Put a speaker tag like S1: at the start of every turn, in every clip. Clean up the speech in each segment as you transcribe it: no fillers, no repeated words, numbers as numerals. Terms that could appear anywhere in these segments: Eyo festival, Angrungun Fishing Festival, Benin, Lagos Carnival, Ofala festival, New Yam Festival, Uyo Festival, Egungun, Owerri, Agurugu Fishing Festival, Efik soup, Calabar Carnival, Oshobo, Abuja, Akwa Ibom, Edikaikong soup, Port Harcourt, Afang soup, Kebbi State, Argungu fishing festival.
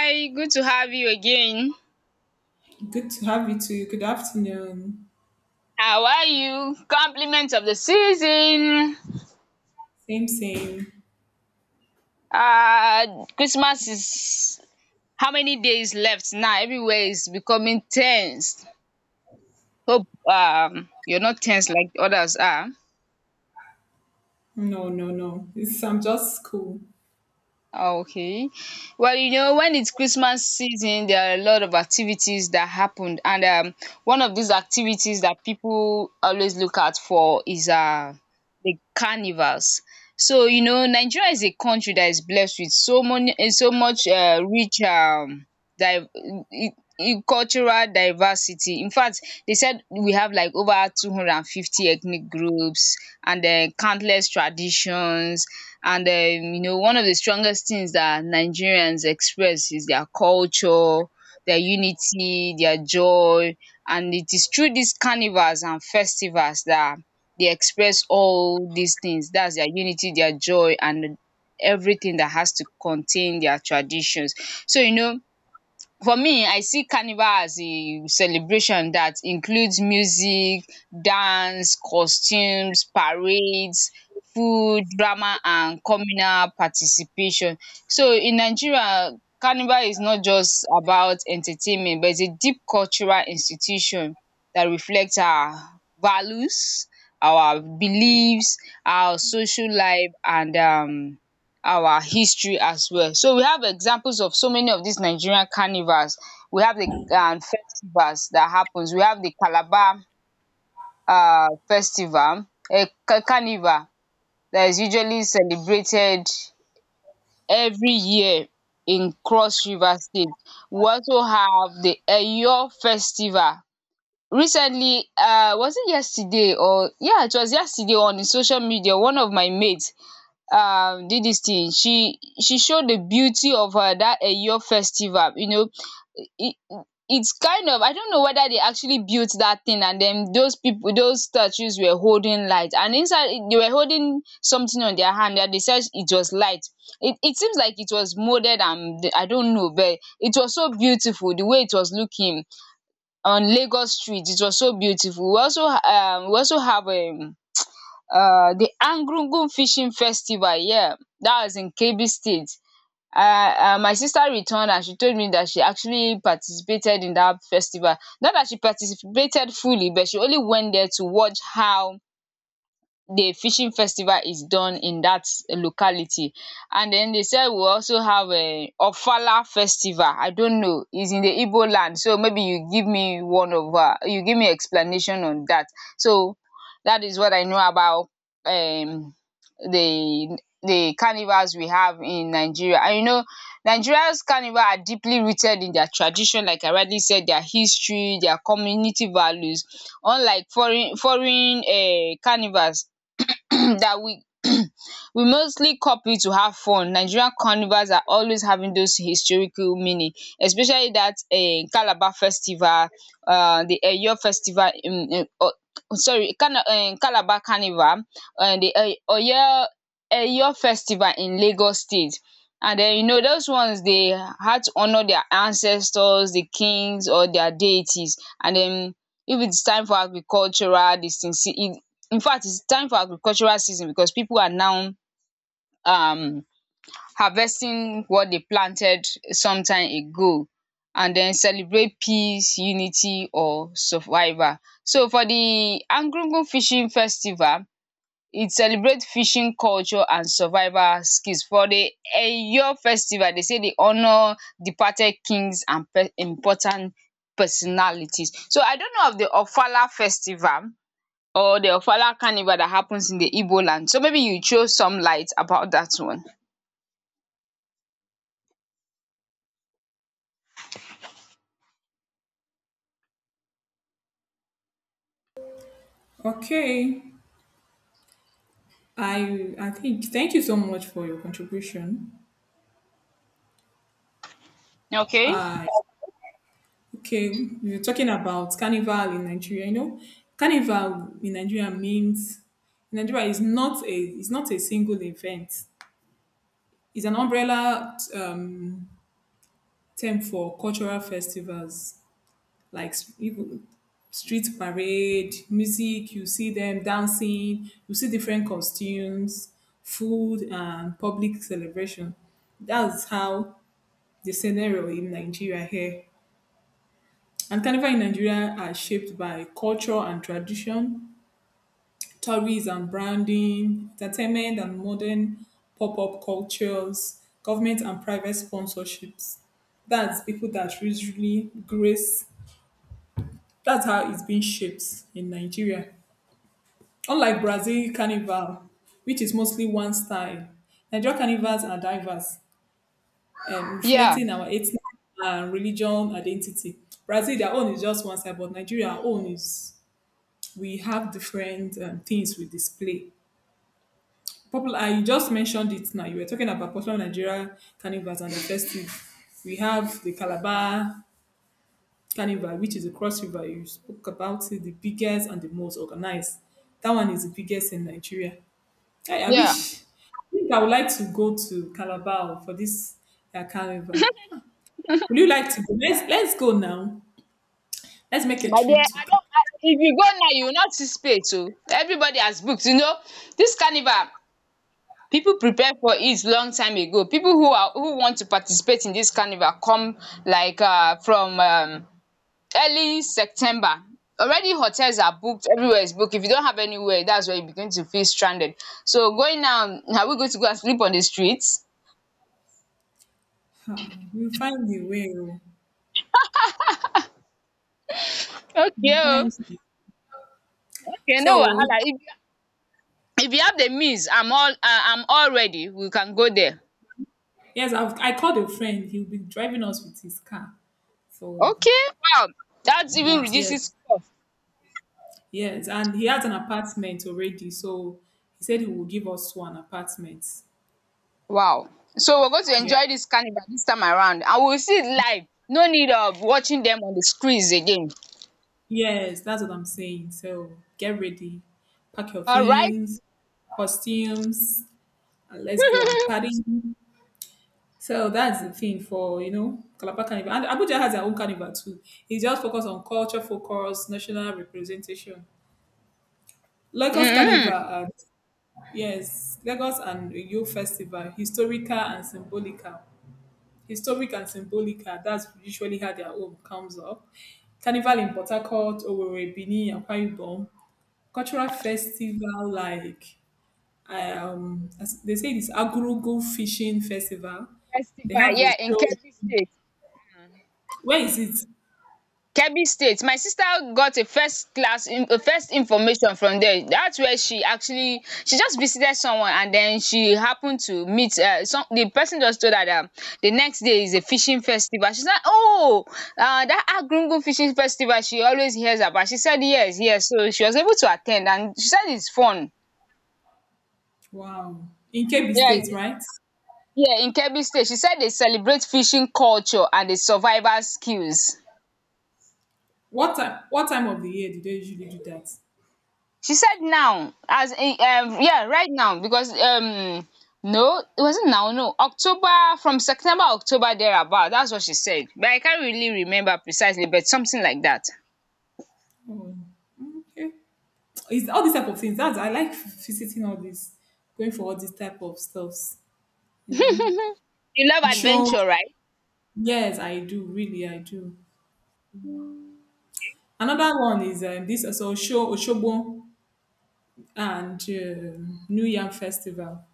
S1: Hi, good to have you again.
S2: Good to have you too. Good afternoon.
S1: How are you? Compliments of the season.
S2: Same, same.
S1: Christmas is how many days left now? Everywhere is becoming tense. Hope you're not tense like others are.
S2: No, no, no. It's, I'm just cool.
S1: Okay. Well, you know, when it's Christmas season, there are a lot of activities that happened. And One of these activities that people always look out for is the carnivals. So, you know, Nigeria is a country that is blessed with so many, so much rich div- eh, cultural diversity. In fact, they said we have like over 250 ethnic groups and then countless traditions and you know, one of the strongest things that Nigerians express is their culture, their unity, their joy, and it is through these carnivals and festivals that they express all these things. That's their unity, their joy, and everything that has to contain their traditions. So you know, for me, I see carnival as a celebration that includes music, dance, costumes, parades, food, drama, and communal participation. So in Nigeria, carnival is not just about entertainment, but it's a deep cultural institution that reflects our values, our beliefs, our social life, and our history as well. So we have examples of so many of these Nigerian carnivals. We have the festivals that happens. We have the Calabar festival, a carnival that is usually celebrated every year in Cross River State. We also have the Eyo festival. Recently, was it yesterday or yeah, it was yesterday on the social media. One of my mates did this thing. She showed the beauty of that Eyo festival. You know, it, it's kind of, I don't know whether they actually built that thing, and then those people, those statues, were holding light and inside they were holding something on their hand that they said it was light. It seems like it was molded and I don't know, but it was so beautiful the way it was looking on Lagos street. It was so beautiful. We also have a the Angrungun Fishing Festival. Yeah, that was in Kebbi State. My sister returned and she told me that she actually participated in that festival. Not that she participated fully, but she only went there to watch how the fishing festival is done in that locality. And then they said we also have a Ofala festival. I don't know. It's in the Igbo land. So maybe you give me one of you give me explanation on that. So that is what I know about um the carnivals we have in Nigeria. And you know, Nigeria's carnival are deeply rooted in their tradition, like I rightly said, their history, their community values. Unlike foreign carnivals that we we mostly copy to have fun, Nigerian carnivals are always having those historical meaning, especially that Calabar festival, the Eyo festival in sorry, Calabar carnival, and the oyo Eyo festival in Lagos state. And then you know, those ones, they had to honour their ancestors, the kings, or their deities. And then if its time for agricultural dis thing, see, in fact it's time for agricultural season because people are now um harvesting what they planted some time ago and then celebrate peace, unity, or survival. So for the Argungu fishing festival, it celebrates fishing culture and survival skills. For the Eyo festival, they say they honour departed kings and important personalities. So I don't know of the Ofala festival or the Ofala carnival that happens in the Igbo land. So maybe you throw some light about that one.
S2: Okay. I think thank you so much for your contribution.
S1: Okay?
S2: I okay. You're talking about carnival in Nigeria. You know, carnival in Nigeria means in Nigeria is not a single event. It's an umbrella term for cultural festivals like even street parade, music, you see them dancing, you see different costumes, food, and public celebration. That's how the scenario in Nigeria here. And carnival in Nigeria are shaped by culture and tradition, tourism, and branding, entertainment and modern pop-up cultures, government and private sponsorships. That's people that usually grace. That's how it's been shaped in Nigeria. Unlike Brazil Carnival, which is mostly one style, Nigerian carnivals are diverse,
S1: Yeah,
S2: reflecting our ethnic and religion identity. Brazil, their own is just one side, but Nigeria, our own is we have different things we display. Popular, I just mentioned it now. You were talking about popular Nigeria carnivals and the festive. We have the Calabar Carnival, which is the Cross River. You spoke about it, the biggest and the most organized. That one is the biggest in Nigeria. Hey, I
S1: yeah.
S2: wish. I think I would like to go to Calabar for this carnival. Would you like to go? Let's go now. Let's make a
S1: My dear,
S2: trip
S1: I
S2: to
S1: don't I, if you go now, you will not see space. So everybody has booked. You know, this carnival, people prepare for it long time ago. People who are, who want to participate in this carnival come like from early September. Already hotels are booked, everywhere is booked. If you don't have anywhere, that's where you begin to feel stranded. So going now, are we going to go and sleep on the streets?
S2: Calabar. We'll find the way. Oh,
S1: Okay
S2: we'll find
S1: oh.
S2: it.
S1: Okay, no
S2: So
S1: wahala. If you have the means, I'm all ready. We can go there.
S2: yes, I've, I called a friend. He'll be driving us with his car. So
S1: Okay. Wow. That even
S2: but yes,
S1: reduces cost.
S2: yes, and he has an apartment already. So he said he will give us one apartment.
S1: Wow. So we're going to
S2: Yeah.
S1: enjoy this carnival this time around and we'll see it live. No need of watching them on the screens again.
S2: Yes, that's what I'm saying. So get ready, pack your
S1: All right.
S2: things, costumes, and let's go and party. So that's the thing for you know Calabar Carnival. And Abuja has their own carnival too. It's just focused on culture, focus, national representation. Lagos
S1: Mm-hmm.
S2: Carnival, and, yes, Lagos and Uyo Festival, historical and symbolical. Historic and symbolical. That's usually how their own comes up. Carnival in Port Harcourt, Owerri, Benin, Akwa Ibom. Cultural festival like I they say it's Agurugu Fishing Festival. They
S1: Festival,
S2: have a
S1: yeah, in
S2: show.
S1: Kebbi State.
S2: Where is it?
S1: Kebbi State. My sister got a first class a first information from there. That's where she actually, she just visited someone and then she happened to meet some, the person just told her that the next day is a fishing festival. She said, "Oh! That Argungu fishing festival she always hears about." She said yes, yes, so she was able to at ten d, and she said it's fun.
S2: Wow. In Kebbi
S1: Yeah,
S2: State, right?
S1: yeah, in Kebbi State. She said they celebrate fishing culture and the survival skills.
S2: What time of the year do they usually do that?
S1: She said now, as in, yeah, right now, because no, it wasn't now, no, October, from September, October thereabout. That's what she said, but I can't really remember precisely, but something like that.
S2: Oh, okay. It's all these type of things. That's I like visiting all this, going for all these type of stuffs, you know.
S1: You love
S2: Show
S1: adventure, right?
S2: yes, I do, really I do. Another one is this also show Oshobo and New Yam Festival.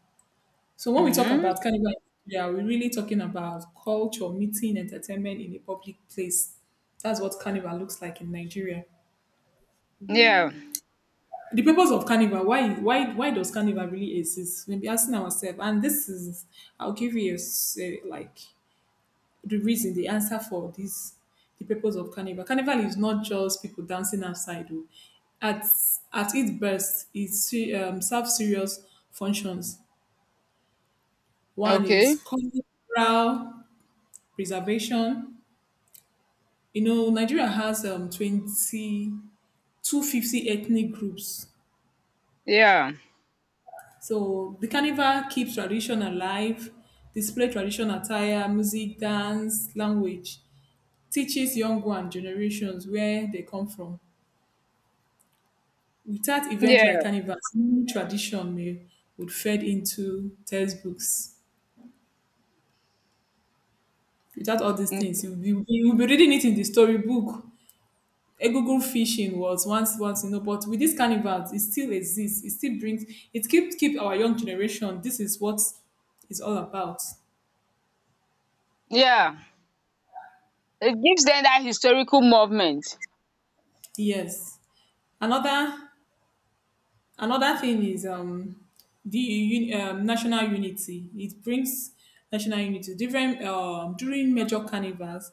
S2: So when we talk
S1: Hmm.
S2: about carnival, yeah, we're really talking about culture, meeting, entertainment in a public place. That's what carnival looks like in Nigeria.
S1: Yeah.
S2: The purpose of carnival, why does carnival really exist? We'll be asking ourselves, and this is I'll give you a, a, like the reason, the answer for this, the purpose of carnival. Carnival is not just people dancing outside. Oh. At at its best, it serves serious functions. One is
S1: Okay.
S2: cultural preservation. You know, Nigeria has 250 ethnic groups.
S1: Yeah.
S2: So the carnival keeps tradition alive, display traditional attire, music, dance, language, teaches young one generations where they come from. Without event like
S1: Yeah.
S2: carnival, no tradition may, would fade into textbooks. Without all these things,
S1: Mm.
S2: you'll be reading it in the storybook. Egungun fishing was once you know, but with this carnival, it still exists. It still brings it keep our young generation. This is what it's all about.
S1: Yeah. It gives them that historical movement.
S2: Yes. Another another thing is the national unity. It brings national unity. Different during major carnivals,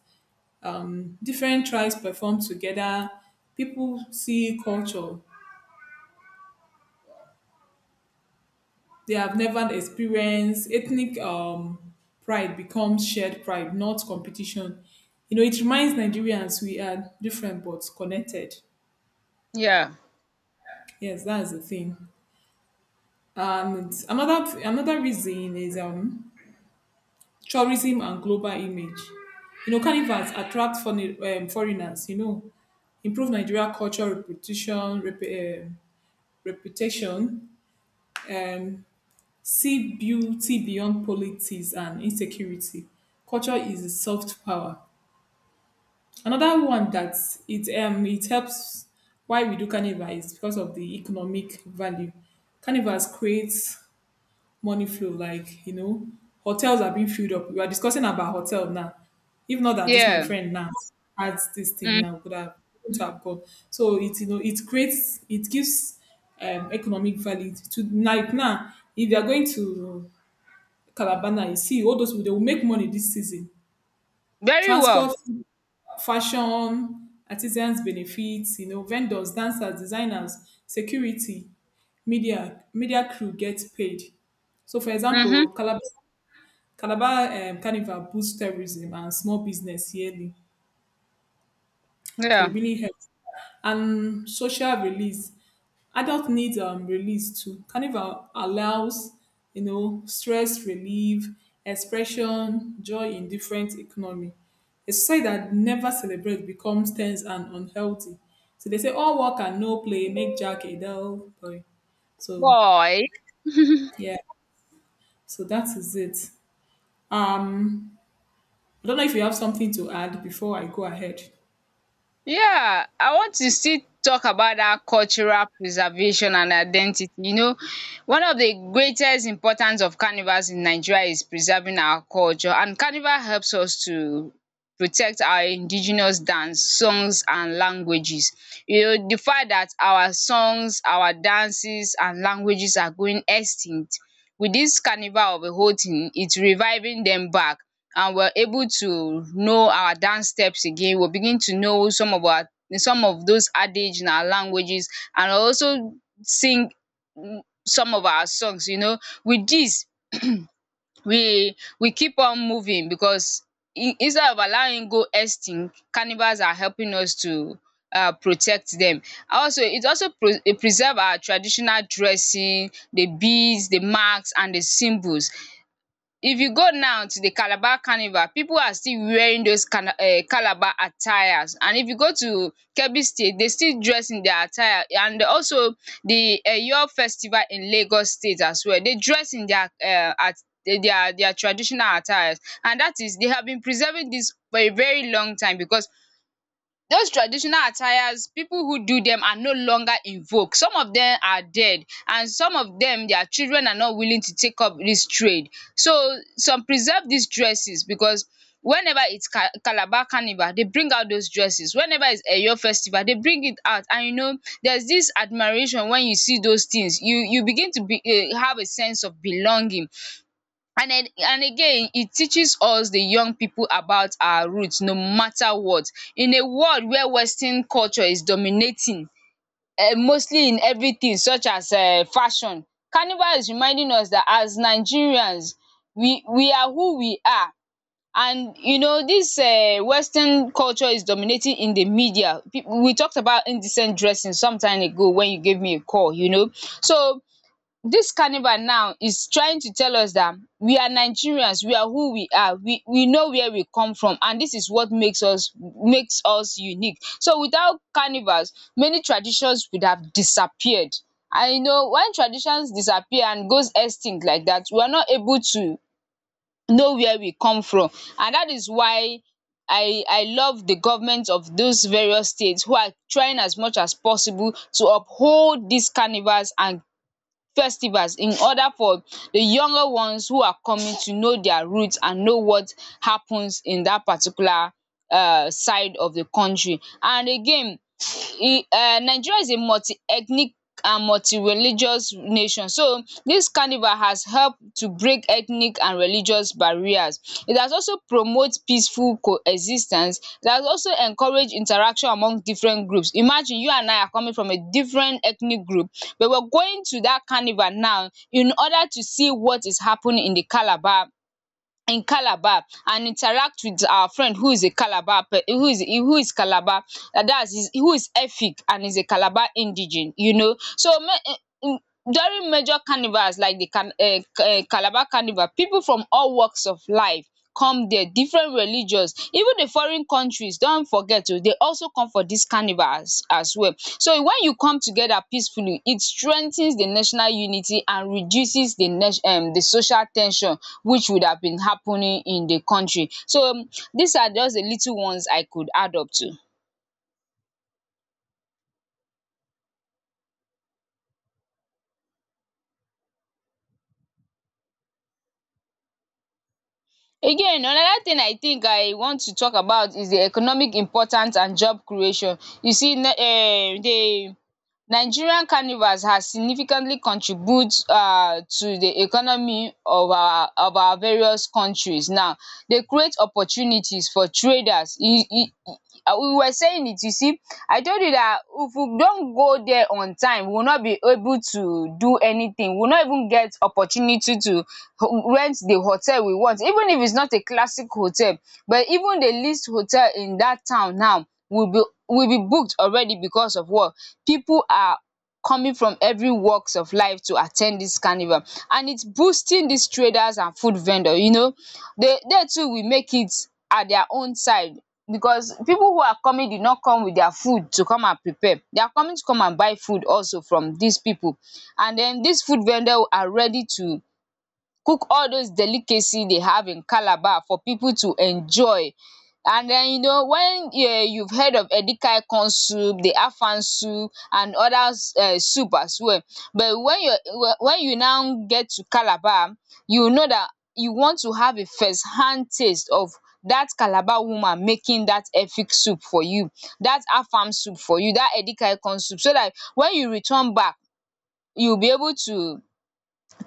S2: different tribes perform together. People see culture they have never experienced. Ethnic pride becomes shared pride, not competition. You know, it reminds Nigerians we are different but connected.
S1: Yeah.
S2: Yes, that's the thing. And another another reason is tourism and global image. You know, carnivals attract foreign, foreigners. You know, improve Nigeria culture reputation, reputation, um, see beauty beyond politics and insecurity. Culture is a soft power. Another one that it it helps why we do carnival is because of the economic value. Carnivals creates money flow, like you know, hotels are being filled up. We are discussing about hotel now. If not that this my
S1: Yeah.
S2: friend now adds this thing
S1: Mm.
S2: now could have gone. So it you know it creates it gives economic value to like now if you are going to Calabana, you see all those people, they will make money this season.
S1: Very well.
S2: Transport, fashion, artisans benefits, you know, vendors, dancers, designers, security, media, media crew gets paid. So for example,
S1: Mm-hmm.
S2: Calabar, Calabar Carnival boosts tourism and small business yearly. So it
S1: Yeah.
S2: really helps. And social release. Adult needs release too. Carnival allows, you know, stress relief, expression, joy in different economy. A society that never celebrates becomes tense and unhealthy. So they say all work and no play make Jack a dull boy. So
S1: Boy.
S2: yeah, so that is it. Um, I don't know if you have something to add before I go ahead.
S1: Yeah, I want to still talk about dat cultural preservation and identity. You know, one of the greatest importance of carnivals in Nigeria is preserving our culture, and carnival helps us to protect our indigenous dance, songs, and languages. You know, the fact that our songs, our dances, and languages are going extinct. With this carnival of a whole thing, it's reviving them back. And we're able to know our dance steps again. We'll begin to know some of our, some of those adage in our languages, and also sing, mm, some of our songs, you know. With this, we keep on moving because in instead of allowing go extinct, carnivals are helping us to protect dem. Also, it also preserve our traditional dressing, the beads, the marks, and the symbols. If you go now to the Calabar Carnival, people are still wearing those cana Calabar attires, and if you go to Kebbi State, they still dress in their attire. And also the Eyo festival in Lagos State as well, they dress in their at their traditional attires, and that is, they have been preserving this for a very long time because those traditional attires, people who do them are no longer in vogue. Some of them are dead, and some of them, their children are not willing to take up this trade. So some preserve these dresses because whenever it's Ca Calabar Carnival, they bring out those dresses. Whenever it's Eyo Festival, they bring it out, and you know, there's this admiration when you see those things. You begin to be have a sense of belonging. And then, and again, it teaches us the young people about our roots, no matter what. In a world where western culture is dominating, mostly in everything such as fashion, carnival is reminding us that as Nigerians, we are who we are. And you know, this western culture is dominating in the media. People, we talked about indecent dressing some time ago when you gave me a call, you know. So this carnival now is trying to tell us that we are Nigerians, we are who we are, we know where we come from, and this is what makes us, makes us unique. So without carnivals, many traditions would have disappeared. And you know, when traditions disappear and goes extinct like that, we are not able to know where we come from. And that is why I love the government of those various states who are trying as much as possible to uphold these carnivals and festivals in order for the younger ones who are coming to know their root and know what happens in that particular side of the country. And again, e Nigeria is a multi-ethnic and multi-religious nation, so this carnival has help to break ethnic and religious barriers. It has also promote peaceful coexistence. It has also encourage interaction among different groups. Imagine you and I are coming from a different ethnic group, but we're going to that carnival now in order to see what is happening in the Calabar, in Calabar, and interact with our friend who is a Calabar pe who is Calabar and that's his, who is Efik and is a Calabar indigene, you know. So make during major carnivals like the Calabar Carnival, people from all walks of life come there, different religious, even the foreign countries don't forget, oh, they also come for dis carnivals as well. So when you come together peacefully, it strengthens the national unity and reduces the social ten sion which would have been happening in the country. So, these are just the little ones I could add up to. Again, another thing I think I want to talk about is the economic importance and job creation. You see na the Nigerian carnivals has significantly contribute to the economy of our various countries now. They create opportunities for traders. E e We were saying it, you see, I told you dat if we don go there on time we will not be able to do anything. We will not even get opportunity to rent the hotel we want, even if it's not a classic hotel, but even the least hotel in dat town now will be, will be booked already because of what? People are coming from every walks of life to attend this carnival, and it's boosting these traders and food vendor. They too will make it at their own side, because people who are coming did not come with their food to come and prepare. They are coming to come and buy food also from these people, and then these food vendor are ready to cook all those delicacy they have in Calabar for people to enjoy. And then, when you've heard of Edikaikong soup, the Afang soup, and other soup as well. But when you now get to Calabar, you will know that you want to have a first hand taste of that Calabar woman making that Efik soup for you, that Afang soup for you, that Edikaikong soup, so that when you return back, you'll be able to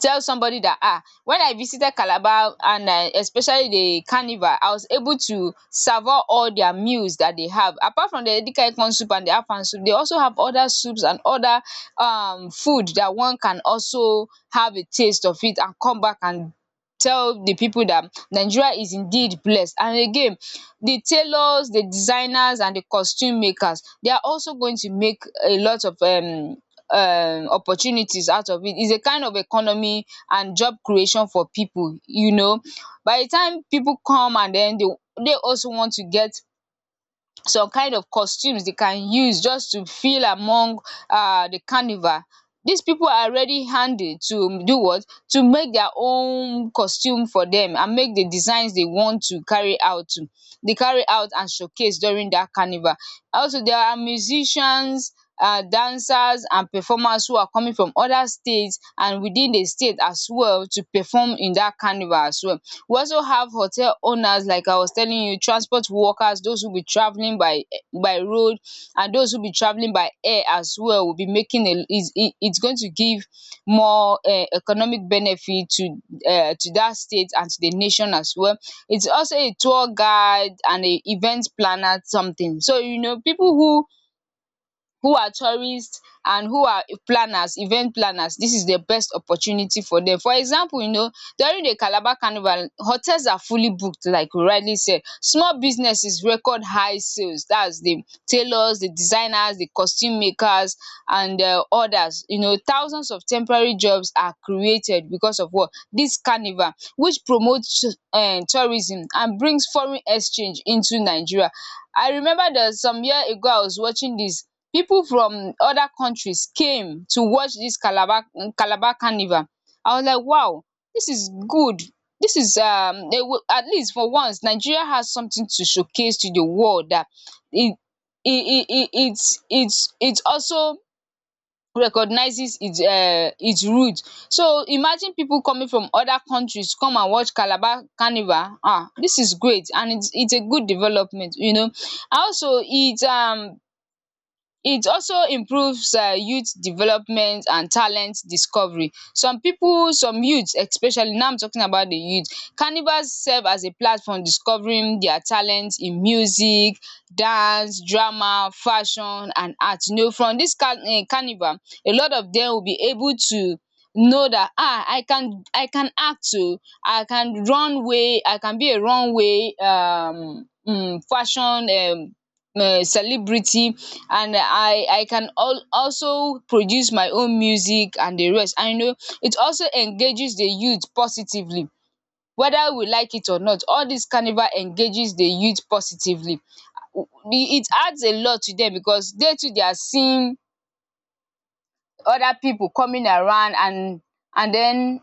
S1: tell somebody that, ah, when I visited Calabar, and especially the carnival, I was able to savour all their meals that they have, apart from the Edikaikong soup and the Afang soup. They also have other soups and other food that one can also have a taste of, it and come back and tell the people that Nigeria is indeed blessed. And again, the tailors, the designers, and the costume makers, they are also going to make a lot of opportunities out of it. It's a kind of economy and job creation for people. By the time people come and then they also want to get some kind of costumes they can use just to feel among the carnival. These people are ready handed to do what? To make their own costume for dem and make the designs they want to carry out to dey carry out and showcase during dat carnival. Also, there are musicians, dancers, and performers who are coming from other state, and within the state as well, to perform in dat carnival as well. We also have hotel owners, like I was telling you, transport workers, those who be traveling by road, and those who be traveling by air as well, will be making it's going to give more economic benefit to, that state and to the nation as well. It's also a tour guide and a event planner something, so, you know, people who are tourists and who are planners event planners. This is the best opportunity for them. For example. During the Calabar Carnival, hotels are fully booked, like you rightly said. Small businesses record high sales. That's the tailors, the designers, the costume makers, and others. Thousands of temporary jobs are created because of what? This carnival, which promotes tourism and brings foreign exchange into Nigeria. I remember that some year ago I was watching this. People from other countries came to watch this Calabar carnival. I was like, wow, this is good. This is at least for once Nigeria has something to showcase to the world, that it it it's it also recognizes its root. So imagine people coming from other countries come and watch Calabar Carnival. Ah, this is great, and it's a good development, and also, it also improves youth development and talent discovery. Some people, some youth, especially now, I'm talking about the youth. Carnival serve as a platform discovering their talent in music, dance, drama, fashion, and art. You know, from dis carnival, a lot of them will be able to know that, ah, I can act oo, I can be a runway fashion celebrity, and I can also produce my own music and the rest. And it also engages the youth positively. Whether we like it or not, all this carnival engages the youth positively. It adds a lot to them, because they too, they are seeing other people coming around, and then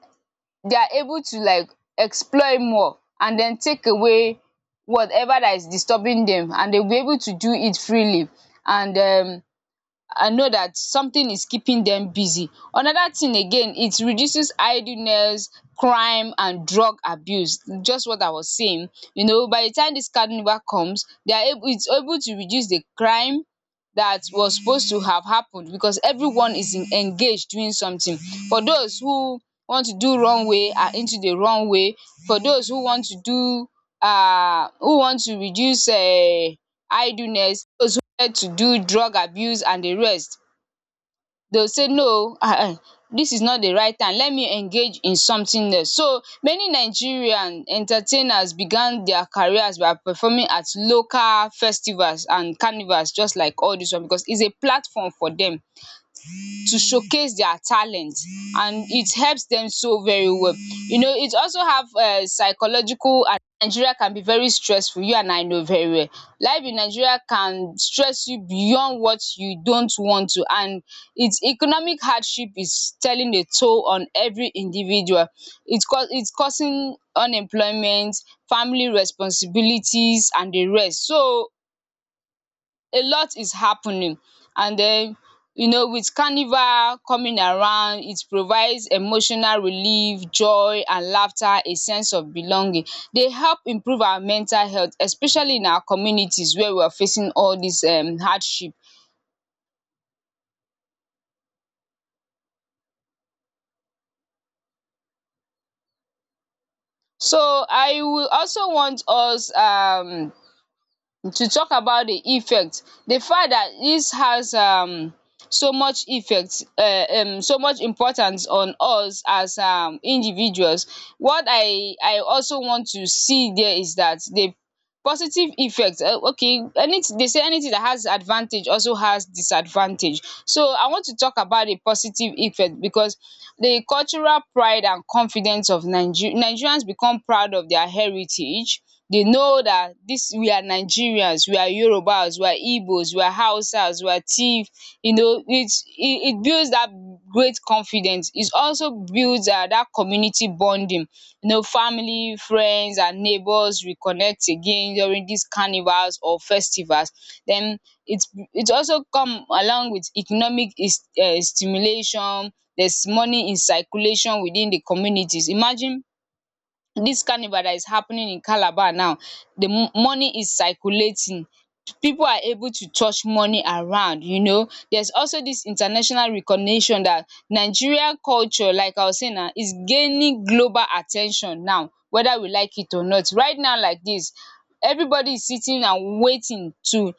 S1: they are able to, like, explore more and then take away whatever that is disturbing them, and they'll be able to do it freely. And I know that something is keeping them busy. Another thing again, it reduces idleness, crime, and drug abuse. Just what I was saying. You know, by the time this carnival comes, they are able it's able to reduce the crime that was supposed to have happened, because everyone is in, engaged doing something. For those who want to do wrong way are into the wrong way. For those who want to do who want to reduce idleness, those to do drug abuse and the rest, they will say no. This is not the right time, let me engage in something else. So many Nigerian entertainers began their careers by performing at local festivals and carnivals, just like all this one, because it's a platform for them to showcase their talent, and it helps them so very well. You know, it also have psychological, and Nigeria can be very stressful, you and I know very well. Life in Nigeria can stress you beyond what you don't want to, and its economic hardship is telling a toll on every individual. It cau its causing unemployment, family responsibilities, and the rest. So a lot is happening, and then, with carnival coming around, it provides emotional relief, joy and laughter, a sense of belonging. They help improve our mental health, especially in our communities where we are facing all this hardship. So I will also want us to talk about The fact that this has so much effect, so much importance on us as individuals. What I also want to see there is that they positive effect, okay, any they say anything that has advantage also has disadvantage, so I want to talk about the positive effect, because the cultural pride and confidence of Nigerians become proud of their heritage. They know that this, we are Nigerians, we are Yorubas, we are Igbos, we are Hausas, we are Tiv. It's, it builds that great confidence, is also builds dat community bonding. Family, friends, and neighbors reconnect again during dis carnivals or festivals. Den it it also come along with economic stimulation. There's money in circulation within the communities. Imagine this carnival that is happening in Calabar now, the money is circulating. People are able to touch money around. There's also this international recognition that Nigeria culture, like I was saying now, is gaining global attention now, whether we like it or not. Right now, like this, everybody is sitting and waiting to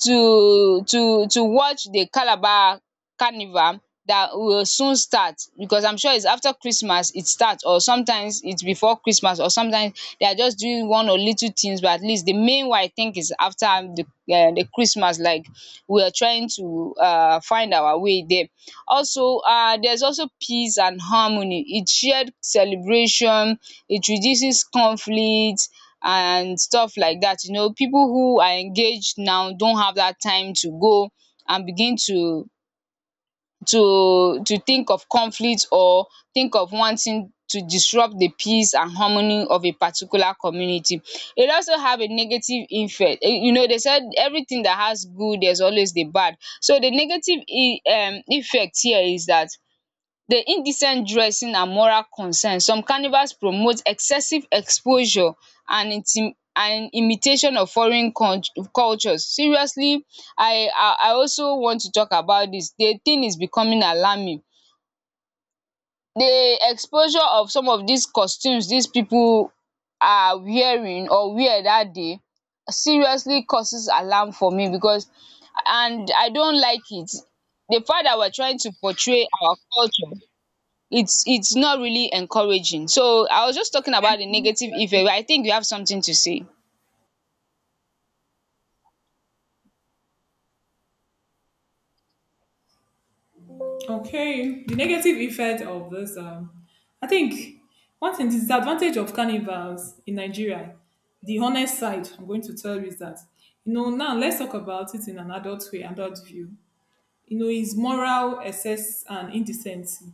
S1: to to to watch the Calabar Carnival that will soon start, because I'm sure it's after Christmas it starts, or sometimes it's before Christmas, or sometimes they are just doing one or little things, but at least the main one, I think, is after the Christmas, like we are trying to find our way there. Also, there's also peace and harmony. It's shared celebration, it reduces conflict and stuff like that. You know, people who are engaged now don't have that time to go and begin to think of conflict, or think of wanting to disrupt the peace and harmony of a particular community. It also have a negative effect. Eh, you know, they said everything that has good, there's always the bad. So the negative effect here is that the indecent dressing and moral concern. Some carnivals promote excessive exposure and inti and imitation of foreign cultures. Seriously, I also want to talk about dis. The thing is becoming alarming. The exposure of some of dis costumes, dis pipu are wearing or wear dat day, seriously causes alarm for me, because, and I don't like it. The fact dat we're trying to portray our culture, it's not really encouraging. So I was just talking about the negative effect,
S2: Okay.
S1: but I think you have something to say.
S2: Okay, the negative effect of this, I think one thing, the disadvantage of carnivals in Nigeria, the honest side I'm going to tell you is that, you know, now let's talk about it in an adult way, adult view. You know, is moral excess and indecency.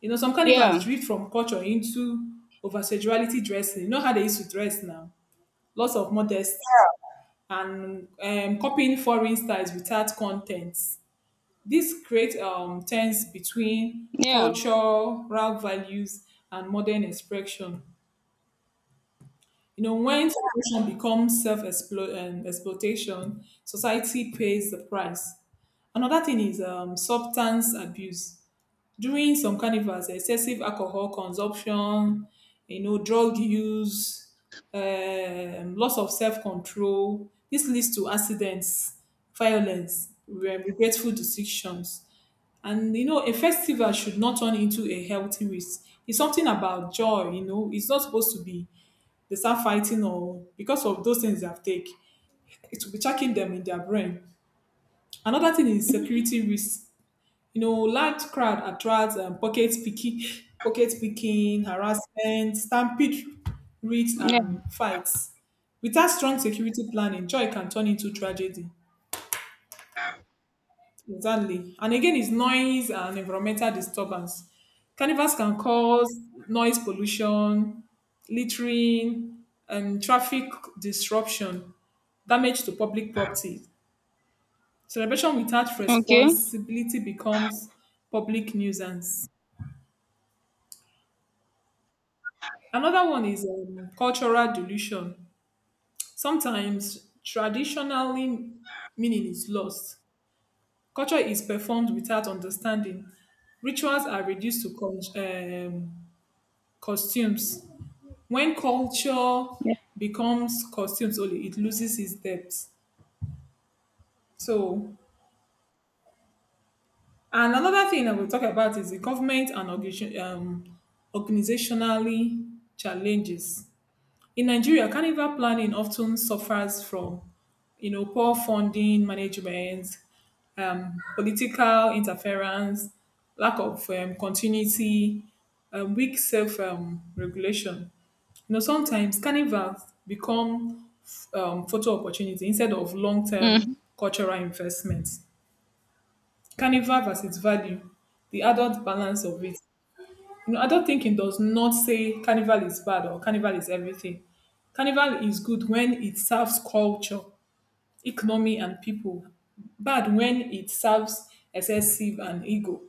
S2: You know, some carnivals
S1: Yeah,
S2: drift from culture into over sexuality dressing. You know how they used to dress now? Lots of modesty and copying foreign styles without content. This creates tense between
S1: yeah,
S2: cultural values and modern expression. You know, when celebration becomes self exploitation, society pays the price. Another thing is substance abuse. During some carnivals, excessive alcohol consumption, you know, drug use, loss of self control. This leads to accidents, violence, regretful decisions and you know, a festival should not turn into a healthy risk. It's something about joy, you know. It's not supposed to be they start fighting or because of those things they've taken. It will be checking them in their brain. Another thing is security risk. You know, large crowd attracts pocket picking, pocket picking, harassment, stampede, riots,
S1: yeah.
S2: and fights. Without strong security planning, joy can turn into tragedy. Exactly. And again, it's noise and environmental disturbance. Carnivals can cause noise pollution, littering, and traffic disruption, damage to public property. Celebration without
S1: Okay.
S2: responsibility becomes public nuisance. Another one is cultural dilution. Sometimes traditionally meaning is lost. Culture is performed without understanding. Rituals are reduced to um, costumes. When culture
S1: Yeah.
S2: becomes costumes only, it loses its depth. So, and another thing I will talk about is the government and organization, organizationally challenges. In Nigeria, carnival planning often suffers from, you know, poor funding management, political interference, lack of continuity, weak self regulation. You know, sometimes carnivals become photo opportunity instead of long term
S1: Mhm.
S2: cultural investments. Carnival versus value, the adult balance of it. You know, adult thinking does not say carnival is bad or carnival is everything. Carnival is good when it serves culture, economy, and people. Bad when it serves excessive and ego.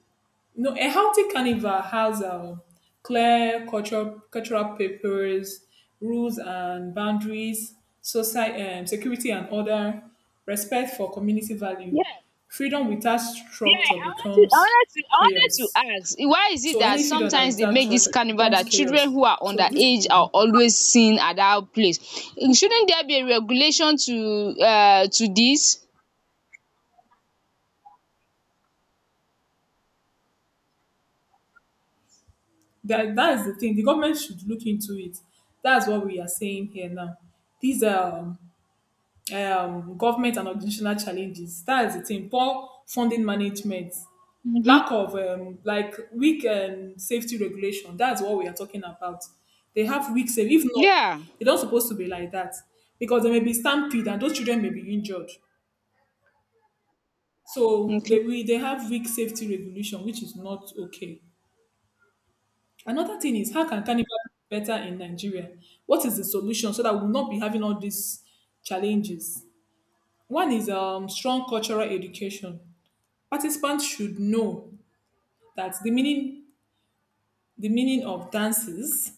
S2: You know, a healthy carnival has clear cultural papers, rules and boundaries, society, security and order, respect for community value.
S1: Yeah,
S2: Freedom without
S1: yeah.
S2: structure becomes
S1: I wanted
S2: chaos.
S1: to ask, why is it
S2: So
S1: that
S2: any freedom that
S1: sometimes they
S2: without
S1: make
S2: church
S1: this carnival
S2: becomes
S1: that children
S2: chaos.
S1: who are
S2: So this
S1: underage are always seen at that place? Shouldn't there be a regulation to this?
S2: that, that is the thing. The government should look into it. That's what we are saying here now. These government and organizational challenges. That is the thing. Poor funding management,
S1: Mm-hmm.
S2: lack of like weak safety regulation. That's what we are talking about. They have weak safety. If not,
S1: Yeah.
S2: they don't supposed to be like that because there may be stampede and those children may be injured. So
S1: Okay.
S2: they we they have weak safety regulation, which is not okay. Another thing is how can carnival be better in Nigeria? What is the solution so that we'll not be having all these challenges? One is strong cultural education. Participants should know that the meaning of dances,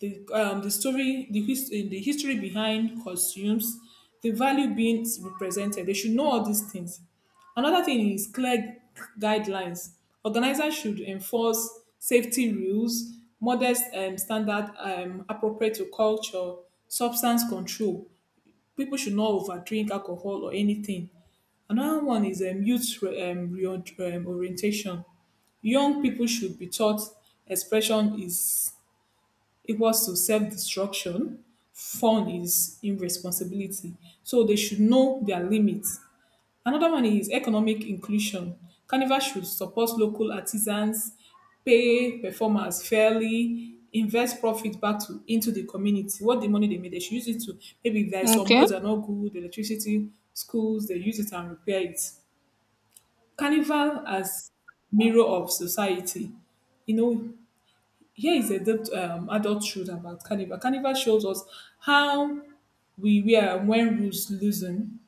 S2: the story, the history behind costumes, the value being represented. They should know all these things. Another thing is clear guidelines. Organizers should enforce safety rules, modest standard appropriate to culture, substance control. People should not overdrink alcohol or anything. Another one is youth orientation. Young people should be taught expression is it was to self-destruction. Fun is irresponsibility. So they should know their limits. Another one is economic inclusion. Carnival should support local artisans, pay performers fairly, invest profit back to into the community. What the money they made, they should use it to maybe there are some
S1: Okay.
S2: roads are not good, electricity, schools, they use it and repair it. Carnival as mirror of society. You know, here is a depth adult truth about Carnival. Carnival shows us how we wear when rules loosen.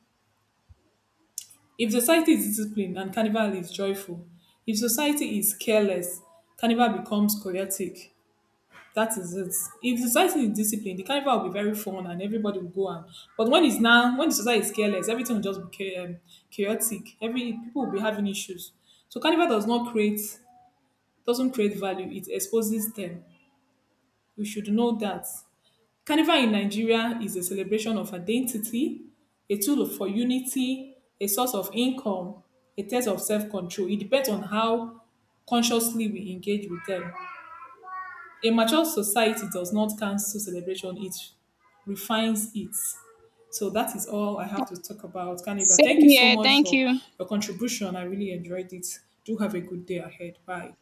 S2: If society is disciplined and Carnival is joyful, if society is careless, Carnival becomes chaotic. That is it. If society is disciplined, the Carnival will be very fun and everybody will go on. But when it's now, when the society is careless, everything will just be chaotic. Every people will be having issues. So Carnival does not create, doesn't create value. It exposes them. We should know that. Carnival in Nigeria is a celebration of identity, a tool for unity, a source of income, a test of self control. It depends on how consciously we engage with them. A mature society does not cancel celebration, it refines it. So that is all I have to talk about Carnival. Thank
S1: Same
S2: you so
S1: here.
S2: much
S1: Thank
S2: for
S1: you.
S2: your contribution. I really enjoyed it. Do have a good day ahead. Bye.